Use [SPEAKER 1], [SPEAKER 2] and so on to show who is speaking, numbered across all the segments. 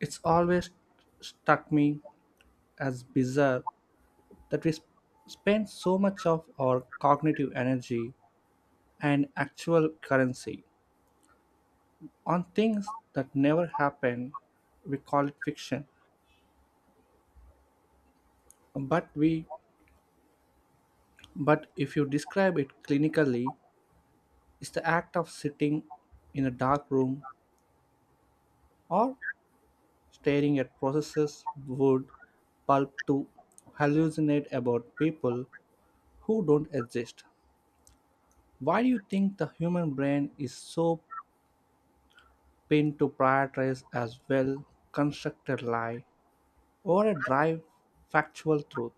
[SPEAKER 1] It's always struck me as bizarre that we spend so much of our cognitive energy and actual currency on things that never happen. We call it fiction, but we but if you describe it clinically, it's the act of sitting in a dark room or staring at processes wood pulp to hallucinate about people who don't exist. Why do you think the human brain is so pinned to prioritize as well constructed lie or a drive factual truth?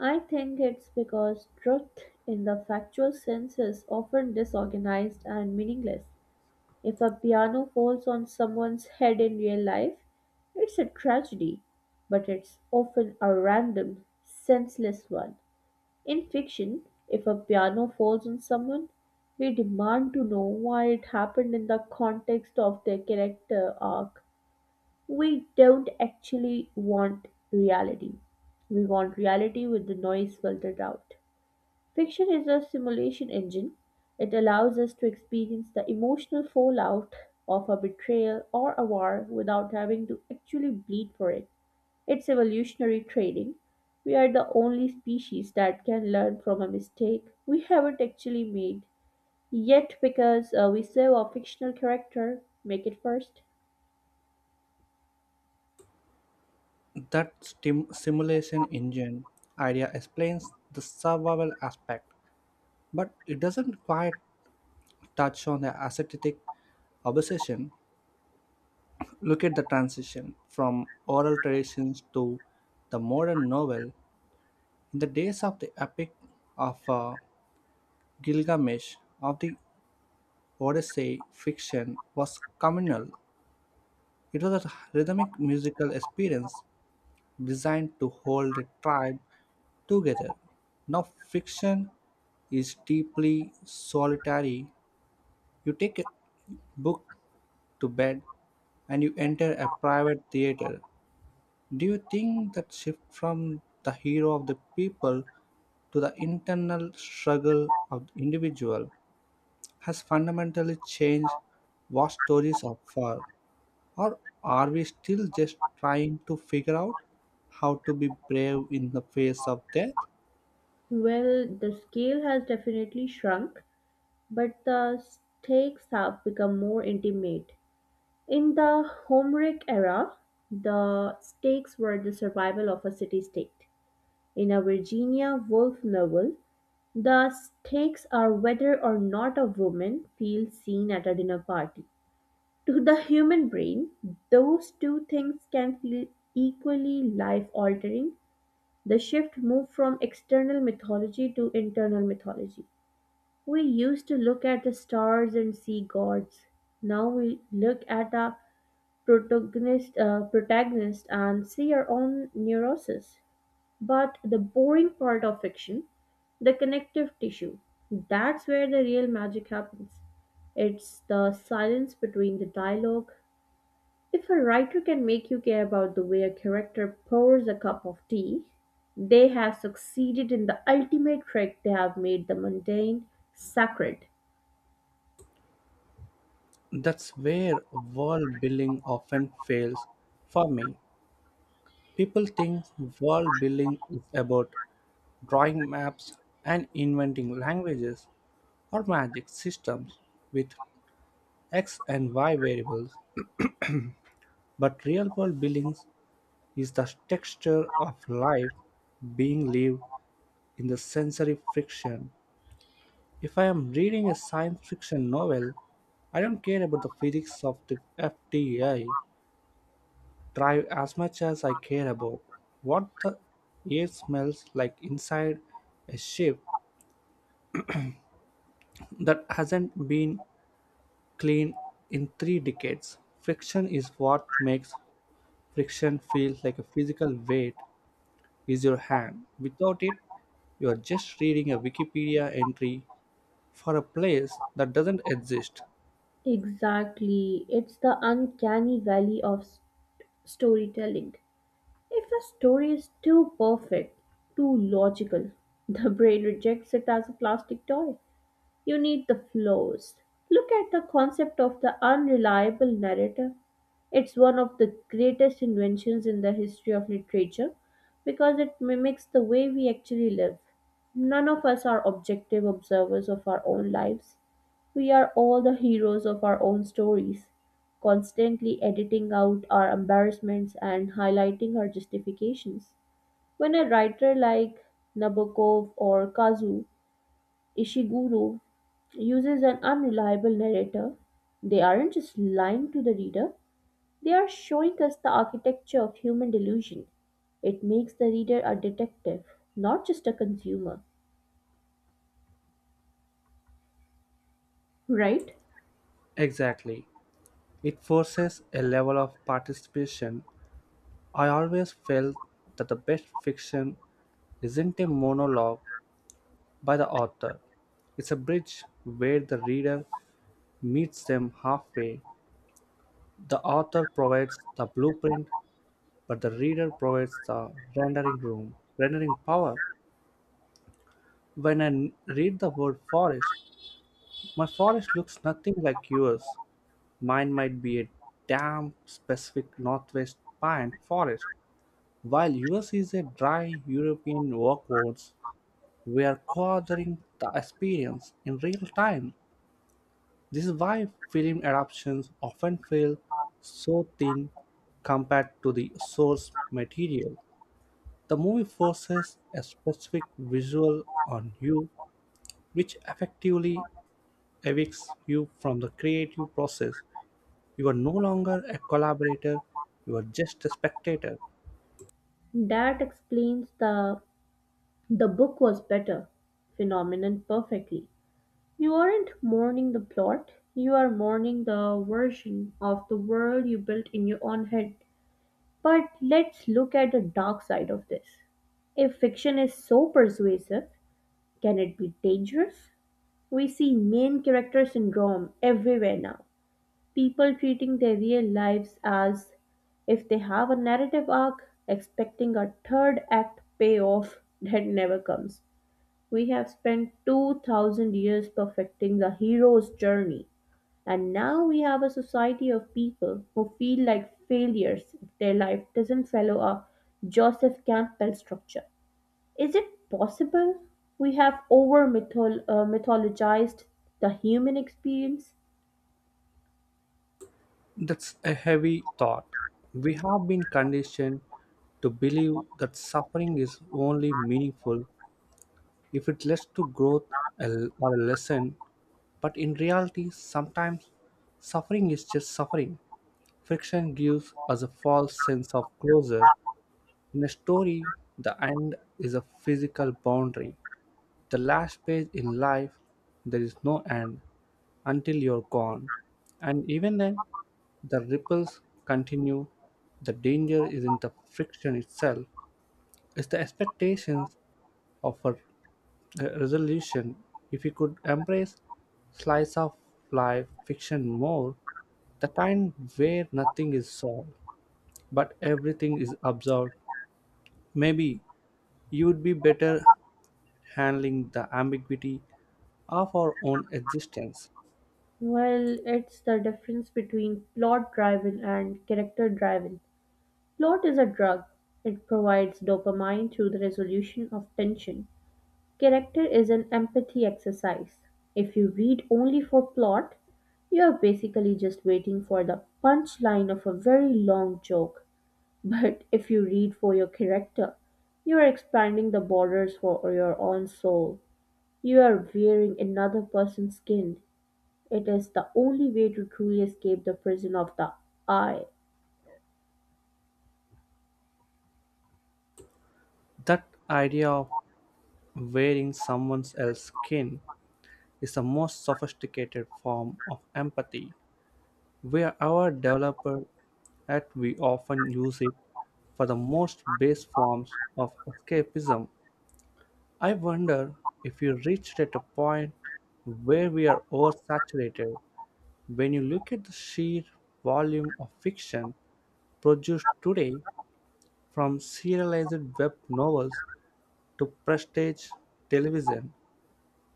[SPEAKER 2] I think it's because truth in the factual sense is often disorganized and meaningless. If a piano falls on someone's head in real life, it's a tragedy, but it's often a random, senseless one. In fiction, if a piano falls on someone, we demand to know why it happened in the context of their character arc. We don't actually want reality. We want reality with the noise filtered out. Fiction is a simulation engine. It allows us to experience the emotional fallout of a betrayal or a war without having to actually bleed for it. It's evolutionary training. We are the only species that can learn from a mistake we haven't actually made. Yet, because we serve a fictional character, make it first.
[SPEAKER 1] That simulation engine idea explains the survival aspect, but it doesn't quite touch on the ascetic obsession. Look at the transition from oral traditions to the modern novel. In the days of the epic of Gilgamesh, of the Odyssey fiction was communal. It was a rhythmic musical experience designed to hold the tribe together. Now, fiction is deeply solitary. You take a book to bed and you enter a private theater. Do you think that shift from the hero of the people to the internal struggle of the individual has fundamentally changed what stories are for? Or are we still just trying to figure out how to be brave in the face of death?
[SPEAKER 2] Well, the scale has definitely shrunk, but the stakes have become more intimate. In the Homeric era, the stakes were the survival of a city state. In a Virginia Woolf novel, the stakes are whether or not a woman feels seen at a dinner party. To the human brain, those two things can feel equally life altering. The shift moved from external mythology to internal mythology. We used to look at the stars and see gods. Now we look at a protagonist and see your own neuroses. But the boring part of fiction, the connective tissue, that's where the real magic happens. It's the silence between the dialogue. If a writer can make you care about the way a character pours a cup of tea, they have succeeded in the ultimate trick. They have made the mundane sacred.
[SPEAKER 1] That's where world building often fails for me. People think world building is about drawing maps and inventing languages or magic systems with X and Y variables. But real world building is the texture of life being lived in the sensory friction. If I am reading a science fiction novel, I don't care about the physics of the FTI drive as much as I care about what the air smells like inside a ship that hasn't been cleaned in 3 decades. Friction is what makes friction feel like a physical weight is your hand. Without it, you are just reading a Wikipedia entry for a place that doesn't exist.
[SPEAKER 2] Exactly. It's the uncanny valley of storytelling. If a story is too perfect, too logical, the brain rejects it as a plastic toy. You need the flaws. Look at the concept of the unreliable narrator. It's one of the greatest inventions in the history of literature because it mimics the way we actually live. None of us are objective observers of our own lives. We are all the heroes of our own stories, constantly editing out our embarrassments and highlighting our justifications. When a writer like Nabokov or Kazu Ishiguro uses an unreliable narrator, they aren't just lying to the reader, they are showing us the architecture of human delusion. It makes the reader a detective, not just a consumer, right?
[SPEAKER 1] Exactly. It forces a level of participation. I always felt that the best fiction isn't a monologue by the author, it's a bridge where the reader meets them halfway. The author provides the blueprint, but the reader provides the rendering room, rendering power. When I read the word forest, my forest looks nothing like yours. Mine might be a damp, specific northwest pine forest. While yours is a dry European workforce, we are gathering the experience in real time. This is why film adaptations often feel so thin compared to the source material. The movie forces a specific visual on you, which effectively evicts you from the creative process. You are no longer a collaborator, you are just a spectator.
[SPEAKER 2] That explains the "The book was better" phenomenon perfectly. You aren't mourning the plot, you are mourning the version of the world you built in your own head. But let's look at the dark side of this. If fiction is so persuasive, can it be dangerous? We see main character syndrome everywhere now. People treating their real lives as if they have a narrative arc, expecting a third act payoff that never comes. We have spent 2000 years perfecting the hero's journey, and now we have a society of people who feel like failures if their life doesn't follow a Joseph Campbell structure. Is it possible we have over mythologized the human experience?
[SPEAKER 1] That's a heavy thought. We have been conditioned to believe that suffering is only meaningful if it leads to growth or a lesson, but in reality, sometimes suffering is just suffering. Friction gives us a false sense of closure. In a story, the end is a physical boundary, the last page in life, there is no end until you're gone. And even then, the ripples continue. The danger is in the friction itself, it's the expectations of a resolution. If you could embrace slice of life fiction more, the kind where nothing is solved but everything is absorbed, maybe you would be better handling the ambiguity of our own existence.
[SPEAKER 2] Well, it's the difference between plot driven and character driven. Plot is a drug, it provides dopamine through the resolution of tension. Character is an empathy exercise. If you read only for plot, you are basically just waiting for the punchline of a very long joke. But if you read for your character, you are expanding the borders for your own soul. You are wearing another person's skin. It is the only way to truly escape the prison of the I.
[SPEAKER 1] That idea of wearing someone else's skin is the most sophisticated form of empathy. We are our developer and we often use it for the most base forms of escapism. I wonder if you reached at a point where we are oversaturated. When you look at the sheer volume of fiction produced today, from serialized web novels to prestige television,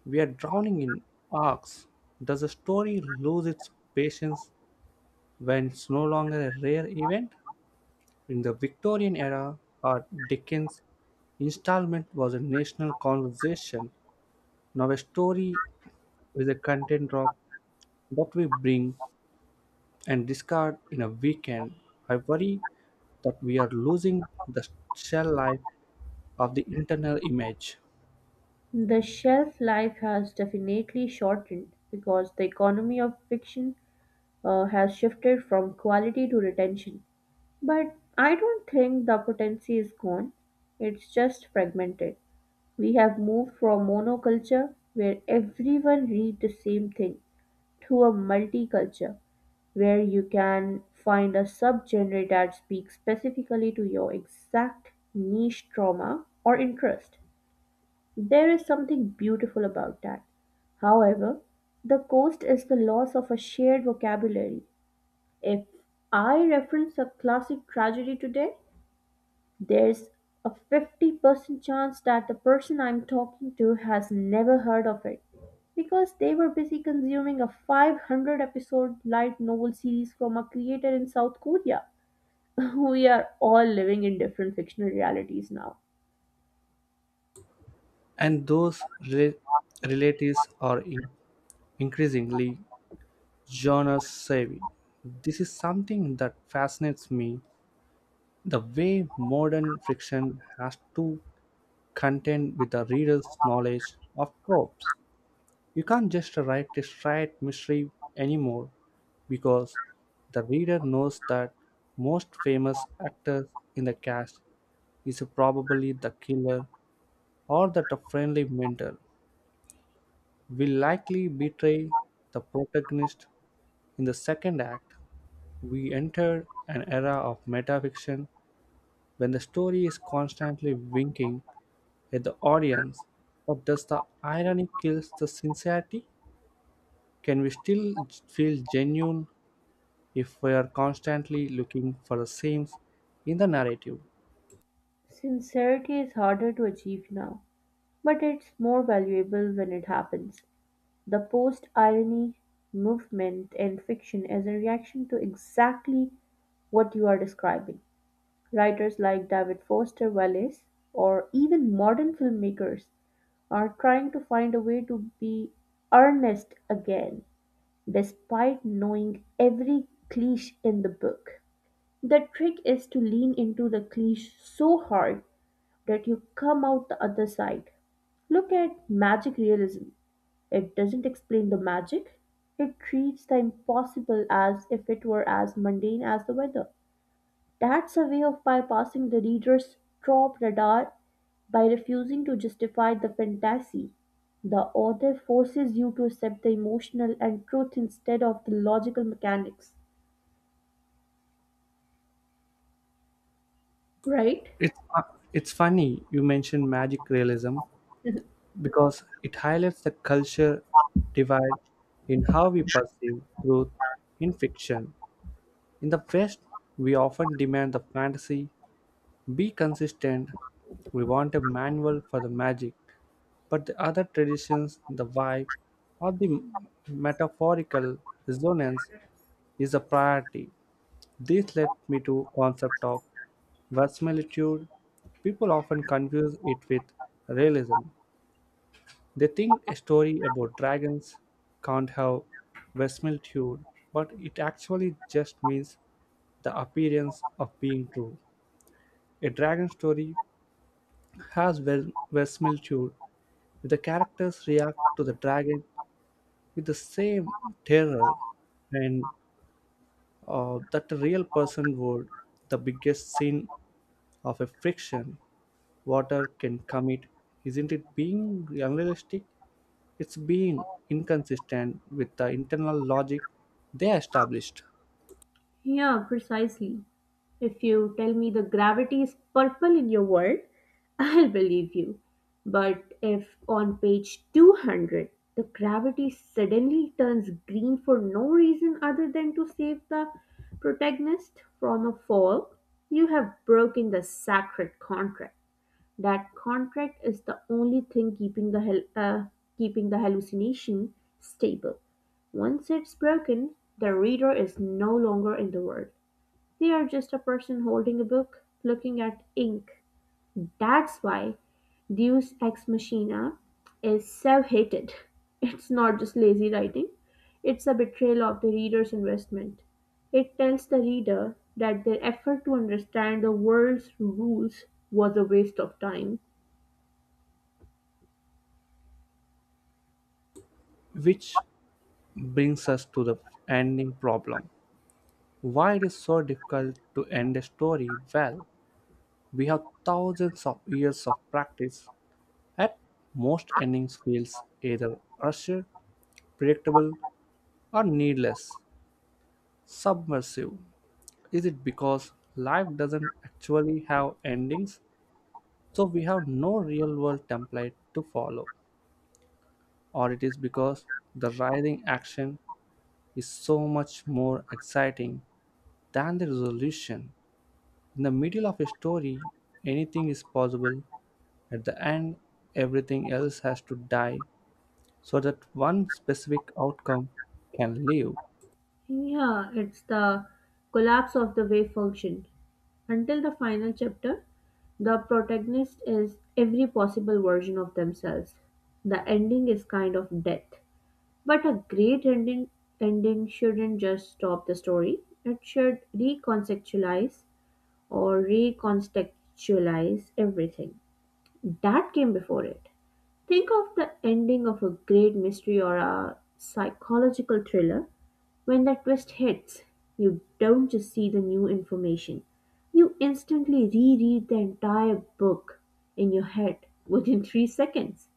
[SPEAKER 1] we are drowning in arcs. Does a story lose its patience when it's no longer a rare event? In the Victorian era, or Dickens' installment was a national conversation. Now, a story is a content drop that we bring and discard in a weekend. I worry that we are losing the shell life of the internal image.
[SPEAKER 2] The shelf life has definitely shortened because the economy of fiction has shifted from quality to retention. But I don't think the potency is gone, it's just fragmented. We have moved from monoculture, where everyone read the same thing, to a multiculture, where you can find a subgenre that speaks specifically to your exact niche trauma or interest. There is something beautiful about that. However, the cost is the loss of a shared vocabulary. If I reference a classic tragedy today, there's a 50% chance that the person I'm talking to has never heard of it because they were busy consuming a 500 episode light novel series from a creator in South Korea. We are all living in different fictional realities now.
[SPEAKER 1] And those relatives are increasingly genre savvy. This is something that fascinates me the way modern fiction has to contend with the reader's knowledge of tropes. You can't just write a straight mystery anymore because the reader knows that most famous actor in the cast is probably the killer or that a friendly mentor will likely betray the protagonist in the second act. We enter an era of metafiction when the story is constantly winking at the audience. But does the irony kill the sincerity? Can we still feel genuine if we are constantly looking for the seams in the narrative?
[SPEAKER 2] Sincerity is harder to achieve now, but it's more valuable when it happens. The post-irony movement in fiction is a reaction to exactly what you are describing. Writers like David Foster Wallace, or even modern filmmakers, are trying to find a way to be earnest again, despite knowing every cliche in the book. The trick is to lean into the cliche so hard that you come out the other side. Look at magic realism. It doesn't explain the magic. It treats the impossible as if it were as mundane as the weather. That's a way of bypassing the reader's top radar by refusing to justify the fantasy. The author forces you to accept the emotional and truth instead of the logical mechanics, right?
[SPEAKER 1] It's funny you mentioned magic realism because it highlights the culture divide in how we perceive truth in fiction. In the West, we often demand the fantasy be consistent, we want a manual for the magic, but the other traditions, the vibe, or the metaphorical resonance is a priority. This led me to concept of verisimilitude. People often confuse it with realism, they think a story about dragons can't have verisimilitude, but it actually just means the appearance of being true. A dragon story has verisimilitude if the characters react to the dragon with the same terror and that a real person would. The biggest sin of a fiction water can commit isn't it being unrealistic, it's being inconsistent with the internal logic they established.
[SPEAKER 2] Yeah, precisely. If you tell me the gravity is purple in your world, I'll believe you. But if on page 200 the gravity suddenly turns green for no reason other than to save the protagonist from a fall, you have broken the sacred contract. That contract is the only thing keeping the keeping the hallucination stable. Once it's broken, the reader is no longer in the world. They're just a person holding a book, looking at ink. That's why Deus Ex Machina is so hated. It's not just lazy writing, it's a betrayal of the reader's investment. It tells the reader that their effort to understand the world's rules was a waste of time.
[SPEAKER 1] Which brings us to the ending problem. Why it is so difficult to end a story well? We have thousands of years of practice. At most endings feels either rushed, predictable, or needless, submersive. Is it because life doesn't actually have endings, so we have no real world template to follow? Or it is because the writhing action is so much more exciting than the resolution. In the middle of a story, anything is possible. At the end, everything else has to die so that one specific outcome can live.
[SPEAKER 2] Yeah, it's the collapse of the wave function. Until the final chapter, the protagonist is every possible version of themselves. The ending is kind of death. But a great ending, shouldn't just stop the story, it should recontextualize everything that came before it. Think of the ending of a great mystery or a psychological thriller when that twist hits, you don't just see the new information, you instantly reread the entire book in your head within 3 seconds.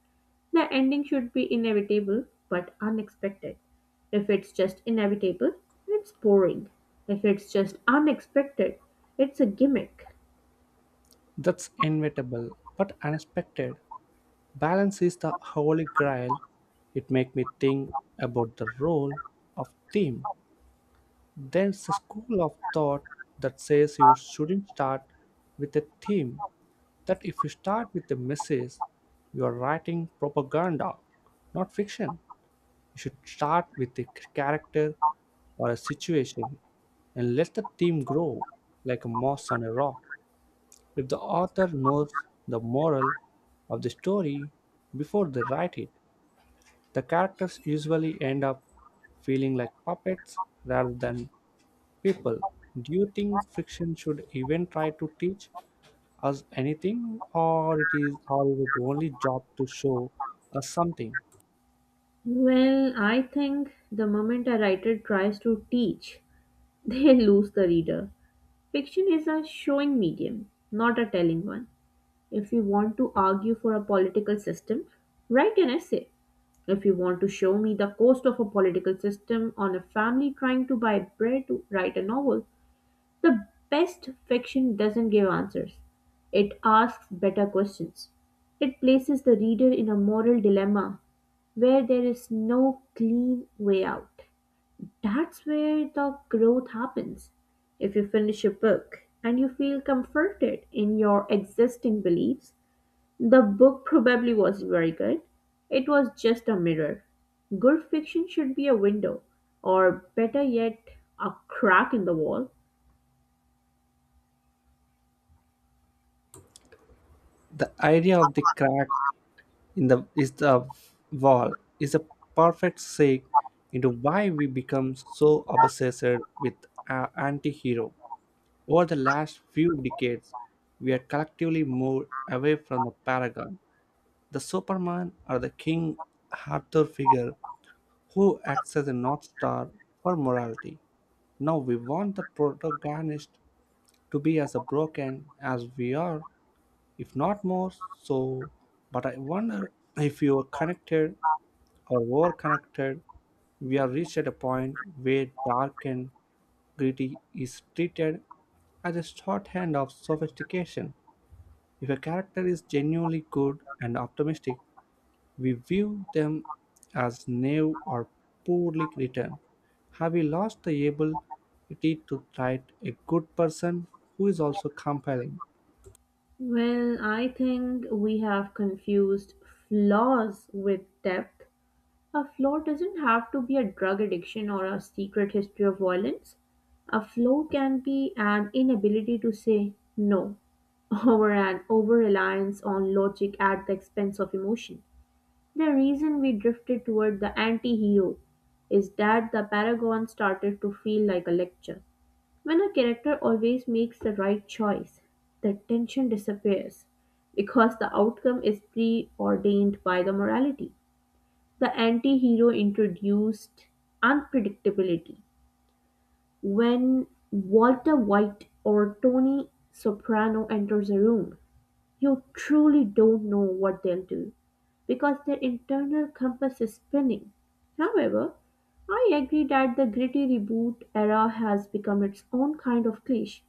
[SPEAKER 2] The ending should be inevitable but unexpected. If it's just inevitable, it's boring. If it's just unexpected, it's a gimmick.
[SPEAKER 1] That's inevitable but unexpected. Balance is the holy grail. It makes me think about the role of theme. There's a school of thought that says you shouldn't start with a theme, that if you start with a message, you are writing propaganda, not fiction. You should start with a character or a situation and let the theme grow like a moss on a rock. If the author knows the moral of the story before they write it, the characters usually end up feeling like puppets rather than people. Do you think fiction should even try to teach us anything, or is it only job to show us something?
[SPEAKER 2] Well, I think the moment a writer tries to teach, they lose the reader. Fiction is a showing medium, not a telling one. If you want to argue for a political system, write an essay. If you want to show me the cost of a political system on a family trying to buy bread to write a novel, the best fiction doesn't give answers. It asks better questions. It places the reader in a moral dilemma where there is no clean way out. That's where the growth happens. If you finish a book and you feel comforted in your existing beliefs, the book probably wasn't very good. It was just a mirror. Good fiction should be a window, or better yet, a crack in the wall.
[SPEAKER 1] The idea of the crack in the is the wall is a perfect segue into why we become so obsessed with anti-hero. Over the last few decades, we have collectively moved away from the paragon, the Superman, or the King Arthur figure who acts as a North Star for morality. Now we want the protagonist to be as broken as we are, if not more so. But I wonder if you are connected or were connected, we have reached at a point where dark and gritty is treated as a shorthand of sophistication. If a character is genuinely good and optimistic, we view them as naive or poorly written. Have we lost the ability to write a good person who is also compelling?
[SPEAKER 2] Well, I think we have confused flaws with depth. A flaw doesn't have to be a drug addiction or a secret history of violence. A flaw can be an inability to say no, or an over reliance on logic at the expense of emotion. The reason we drifted toward the anti hero is that the Paragon started to feel like a lecture. When a character always makes the right choice, the tension disappears because the outcome is preordained by the morality. The anti hero introduced unpredictability. When Walter White or Tony Soprano enters a room, you truly don't know what they'll do, because their internal compass is spinning. However, I agree that the gritty reboot era has become its own kind of cliche.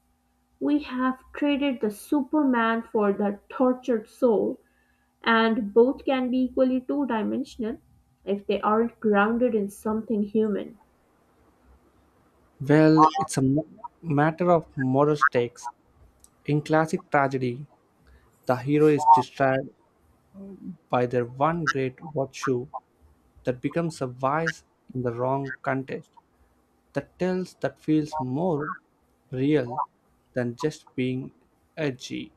[SPEAKER 2] We have traded the Superman for the tortured soul, and both can be equally two dimensional if they aren't grounded in something human.
[SPEAKER 1] Well, it's a matter of moral stakes. In classic tragedy, the hero is destroyed by their one great virtue that becomes a vice in the wrong context. The tales that feels more real than just being edgy.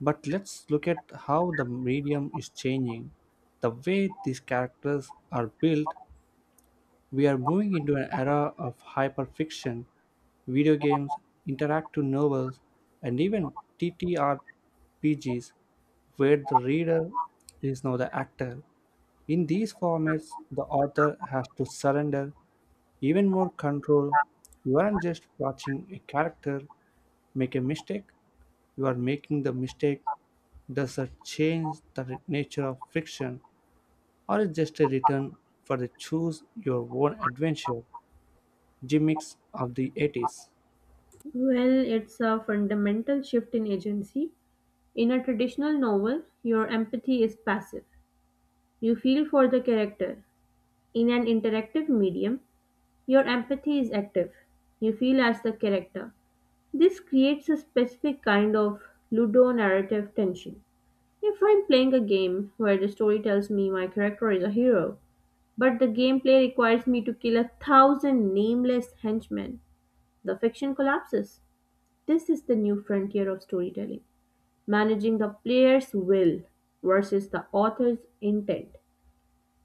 [SPEAKER 1] But let's look at how the medium is changing. The way these characters are built we are moving into an era of hyperfiction, video games, interactive novels, and even TTRPGs, where the reader is now the actor. In these formats, the author has to surrender even more control. You aren't just watching a character make a mistake, you are making the mistake. Does that change the nature of fiction? Or it's just a return for the choose your own adventure gimmicks of the 80s.
[SPEAKER 2] Well, it's a fundamental shift in agency. In a traditional novel, your empathy is passive. You feel for the character. In an interactive medium, your empathy is active. You feel as the character. This creates a specific kind of ludonarrative tension. If I'm playing a game where the story tells me my character is a hero, but the gameplay requires me to kill a thousand nameless henchmen, the fiction collapses. This is the new frontier of storytelling managing the player's will versus the author's intent.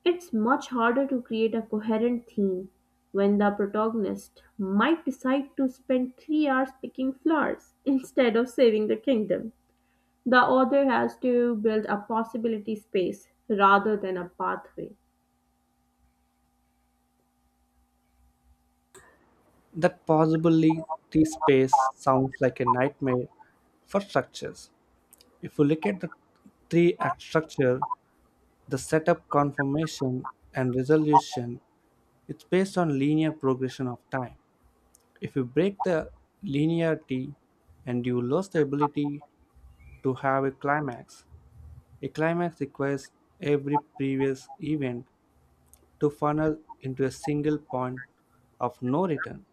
[SPEAKER 2] It's much harder to create a coherent theme when the protagonist might decide to spend 3 hours picking flowers instead of saving the kingdom. The author has to build a possibility space rather than a pathway.
[SPEAKER 1] That possibly the space sounds like a nightmare for structures. If you look at the three act structure, the setup, confirmation, and resolution, it's based on linear progression of time. If you break the linearity and you lose the ability to have a climax requires every previous event to funnel into a single point of no return.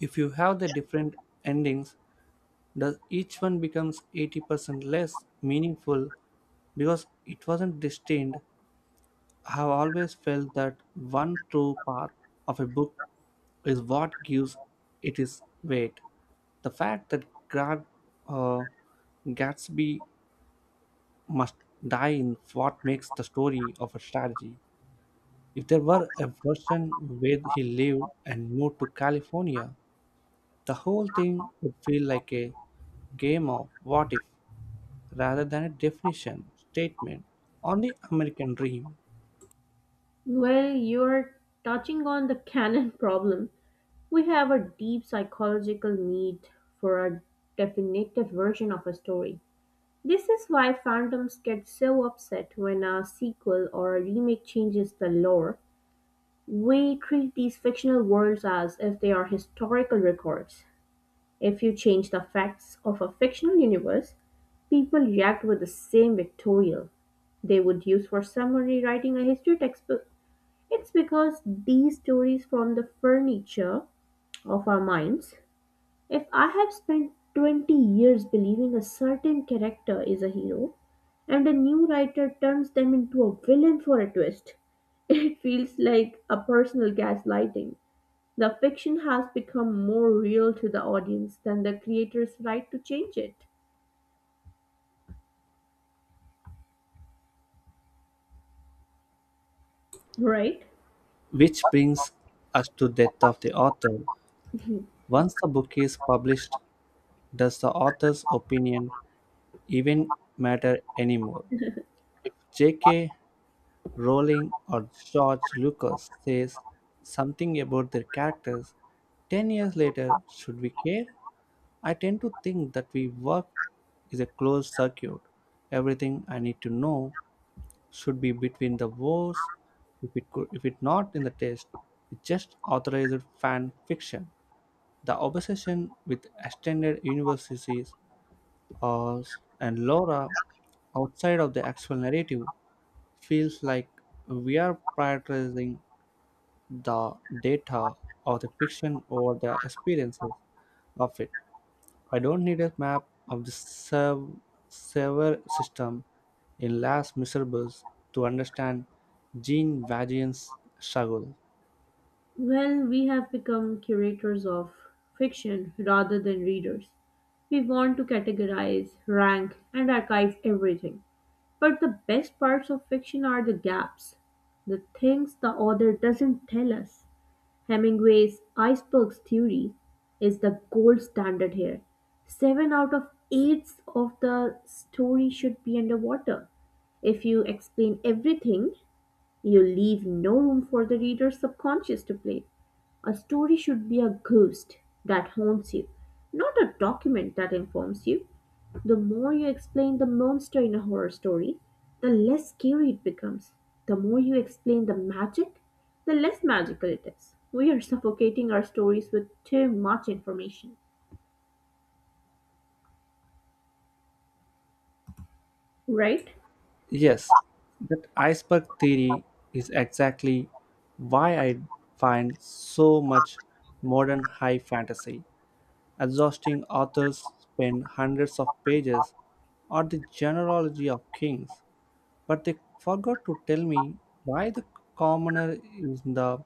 [SPEAKER 1] If you have the different endings, does each one becomes 80% less meaningful because it wasn't destined? I have always felt that one true path of a book is what gives it its weight. The fact that Grant uh, Gatsby must die in what makes the story of a strategy. If there were a version where he lived and moved to California, the whole thing would feel like a game of what if rather than a definition statement on the American dream.
[SPEAKER 2] Well, you're touching on the canon problem. We have a deep psychological need for a definitive version of a story. This is why fandoms get so upset when a sequel or a remake changes the lore. We treat these fictional worlds as if they are historical records. If you change the facts of a fictional universe, people react with the same victorial they would use for summary writing a history textbook. It's because these stories form the furniture of our minds. If I have spent 20 years believing a certain character is a hero, and a new writer turns them into a villain for a twist, it feels like a personal gaslighting. The fiction has become more real to the audience than the creator's right to change it, right?
[SPEAKER 1] Which brings us to death of the author. Once the book is published, does the author's opinion even matter anymore? If J.K. Rowling or George Lucas says something about their characters 10 years later, should we care? I tend to think that we work is a closed circuit. Everything I need to know should be between the wars. If it could, if it not in the test, it just authorized fan fiction. The obsession with extended universes or and Laura outside of the actual narrative feels like we are prioritizing the data of the fiction or the experiences of it. I don't need a map of the server system in Last Miserables to understand Jean Vagian's struggle.
[SPEAKER 2] Well, we have become curators of fiction rather than readers. We want to categorize, rank, and archive everything. But the best parts of fiction are the gaps, the things the author doesn't tell us. Hemingway's icebergs theory is the gold standard here. Seven out of eight of the story should be underwater. If you explain everything, you leave no room for the reader's subconscious to play. A story should be a ghost that haunts you, not a document that informs you. The more you explain the monster in a horror story, the less scary it becomes. The more you explain the magic, the less magical it is. We are suffocating our stories with too much information, right?
[SPEAKER 1] Yes, that iceberg theory is exactly why I find so much modern high fantasy. Exhausting authors spend hundreds of pages on the genealogy of kings but they forgot to tell me why the commoner in the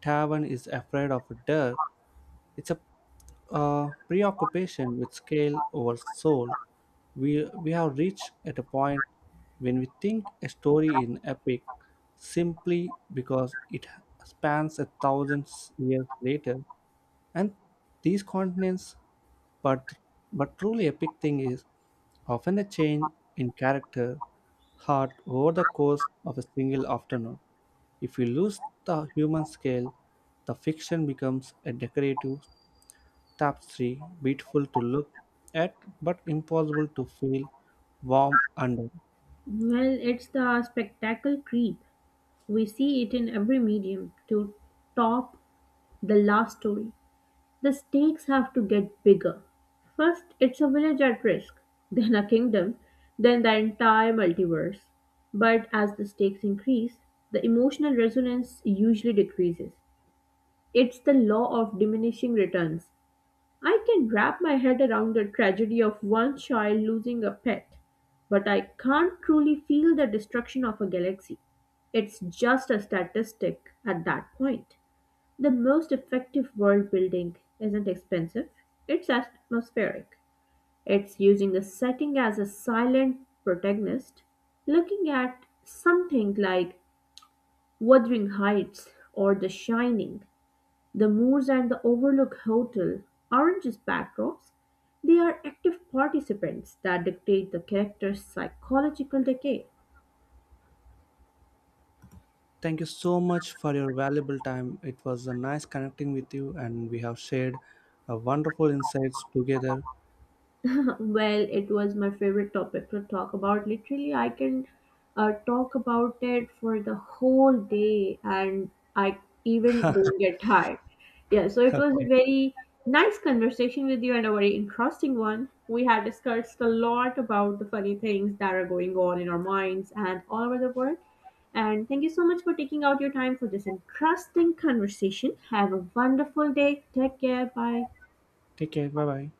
[SPEAKER 1] tavern is afraid of dirt. It's a preoccupation with scale over soul. We have reached at a point when we think a story is an epic simply because it spans a thousand years later and these continents but but truly epic thing is often a change in character heart over the course of a single afternoon. If we lose the human scale the fiction becomes a decorative tapestry beautiful to look at but impossible to feel warm under.
[SPEAKER 2] Well, it's the spectacle creep. We see it in every medium to top the last story. The stakes have to get bigger. First, it's a village at risk, then a kingdom, then the entire multiverse. But as the stakes increase, the emotional resonance usually decreases. It's the law of diminishing returns. I can wrap my head around the tragedy of one child losing a pet, but I can't truly feel the destruction of a galaxy. It's just a statistic at that point. The most effective world building isn't expensive, it's atmospheric. It's using the setting as a silent protagonist, looking at something like Wuthering Heights or The Shining. The Moors and the Overlook Hotel aren't just backdrops, they are active participants that dictate the character's psychological decay.
[SPEAKER 1] Thank you so much for your valuable time. It was a nice connecting with you and we have shared a wonderful insights together.
[SPEAKER 2] Well, it was my favorite topic to talk about. Literally, I can talk about it for the whole day and I even don't get tired. Yeah, so it was a
[SPEAKER 1] Okay.
[SPEAKER 2] very nice conversation with you and a very interesting one. We had discussed a lot about the funny things that are going on in our minds and all over the world. And thank you so much for taking out your time for this interesting conversation. Have a wonderful day. Take care. Bye.
[SPEAKER 1] Take care. Bye bye.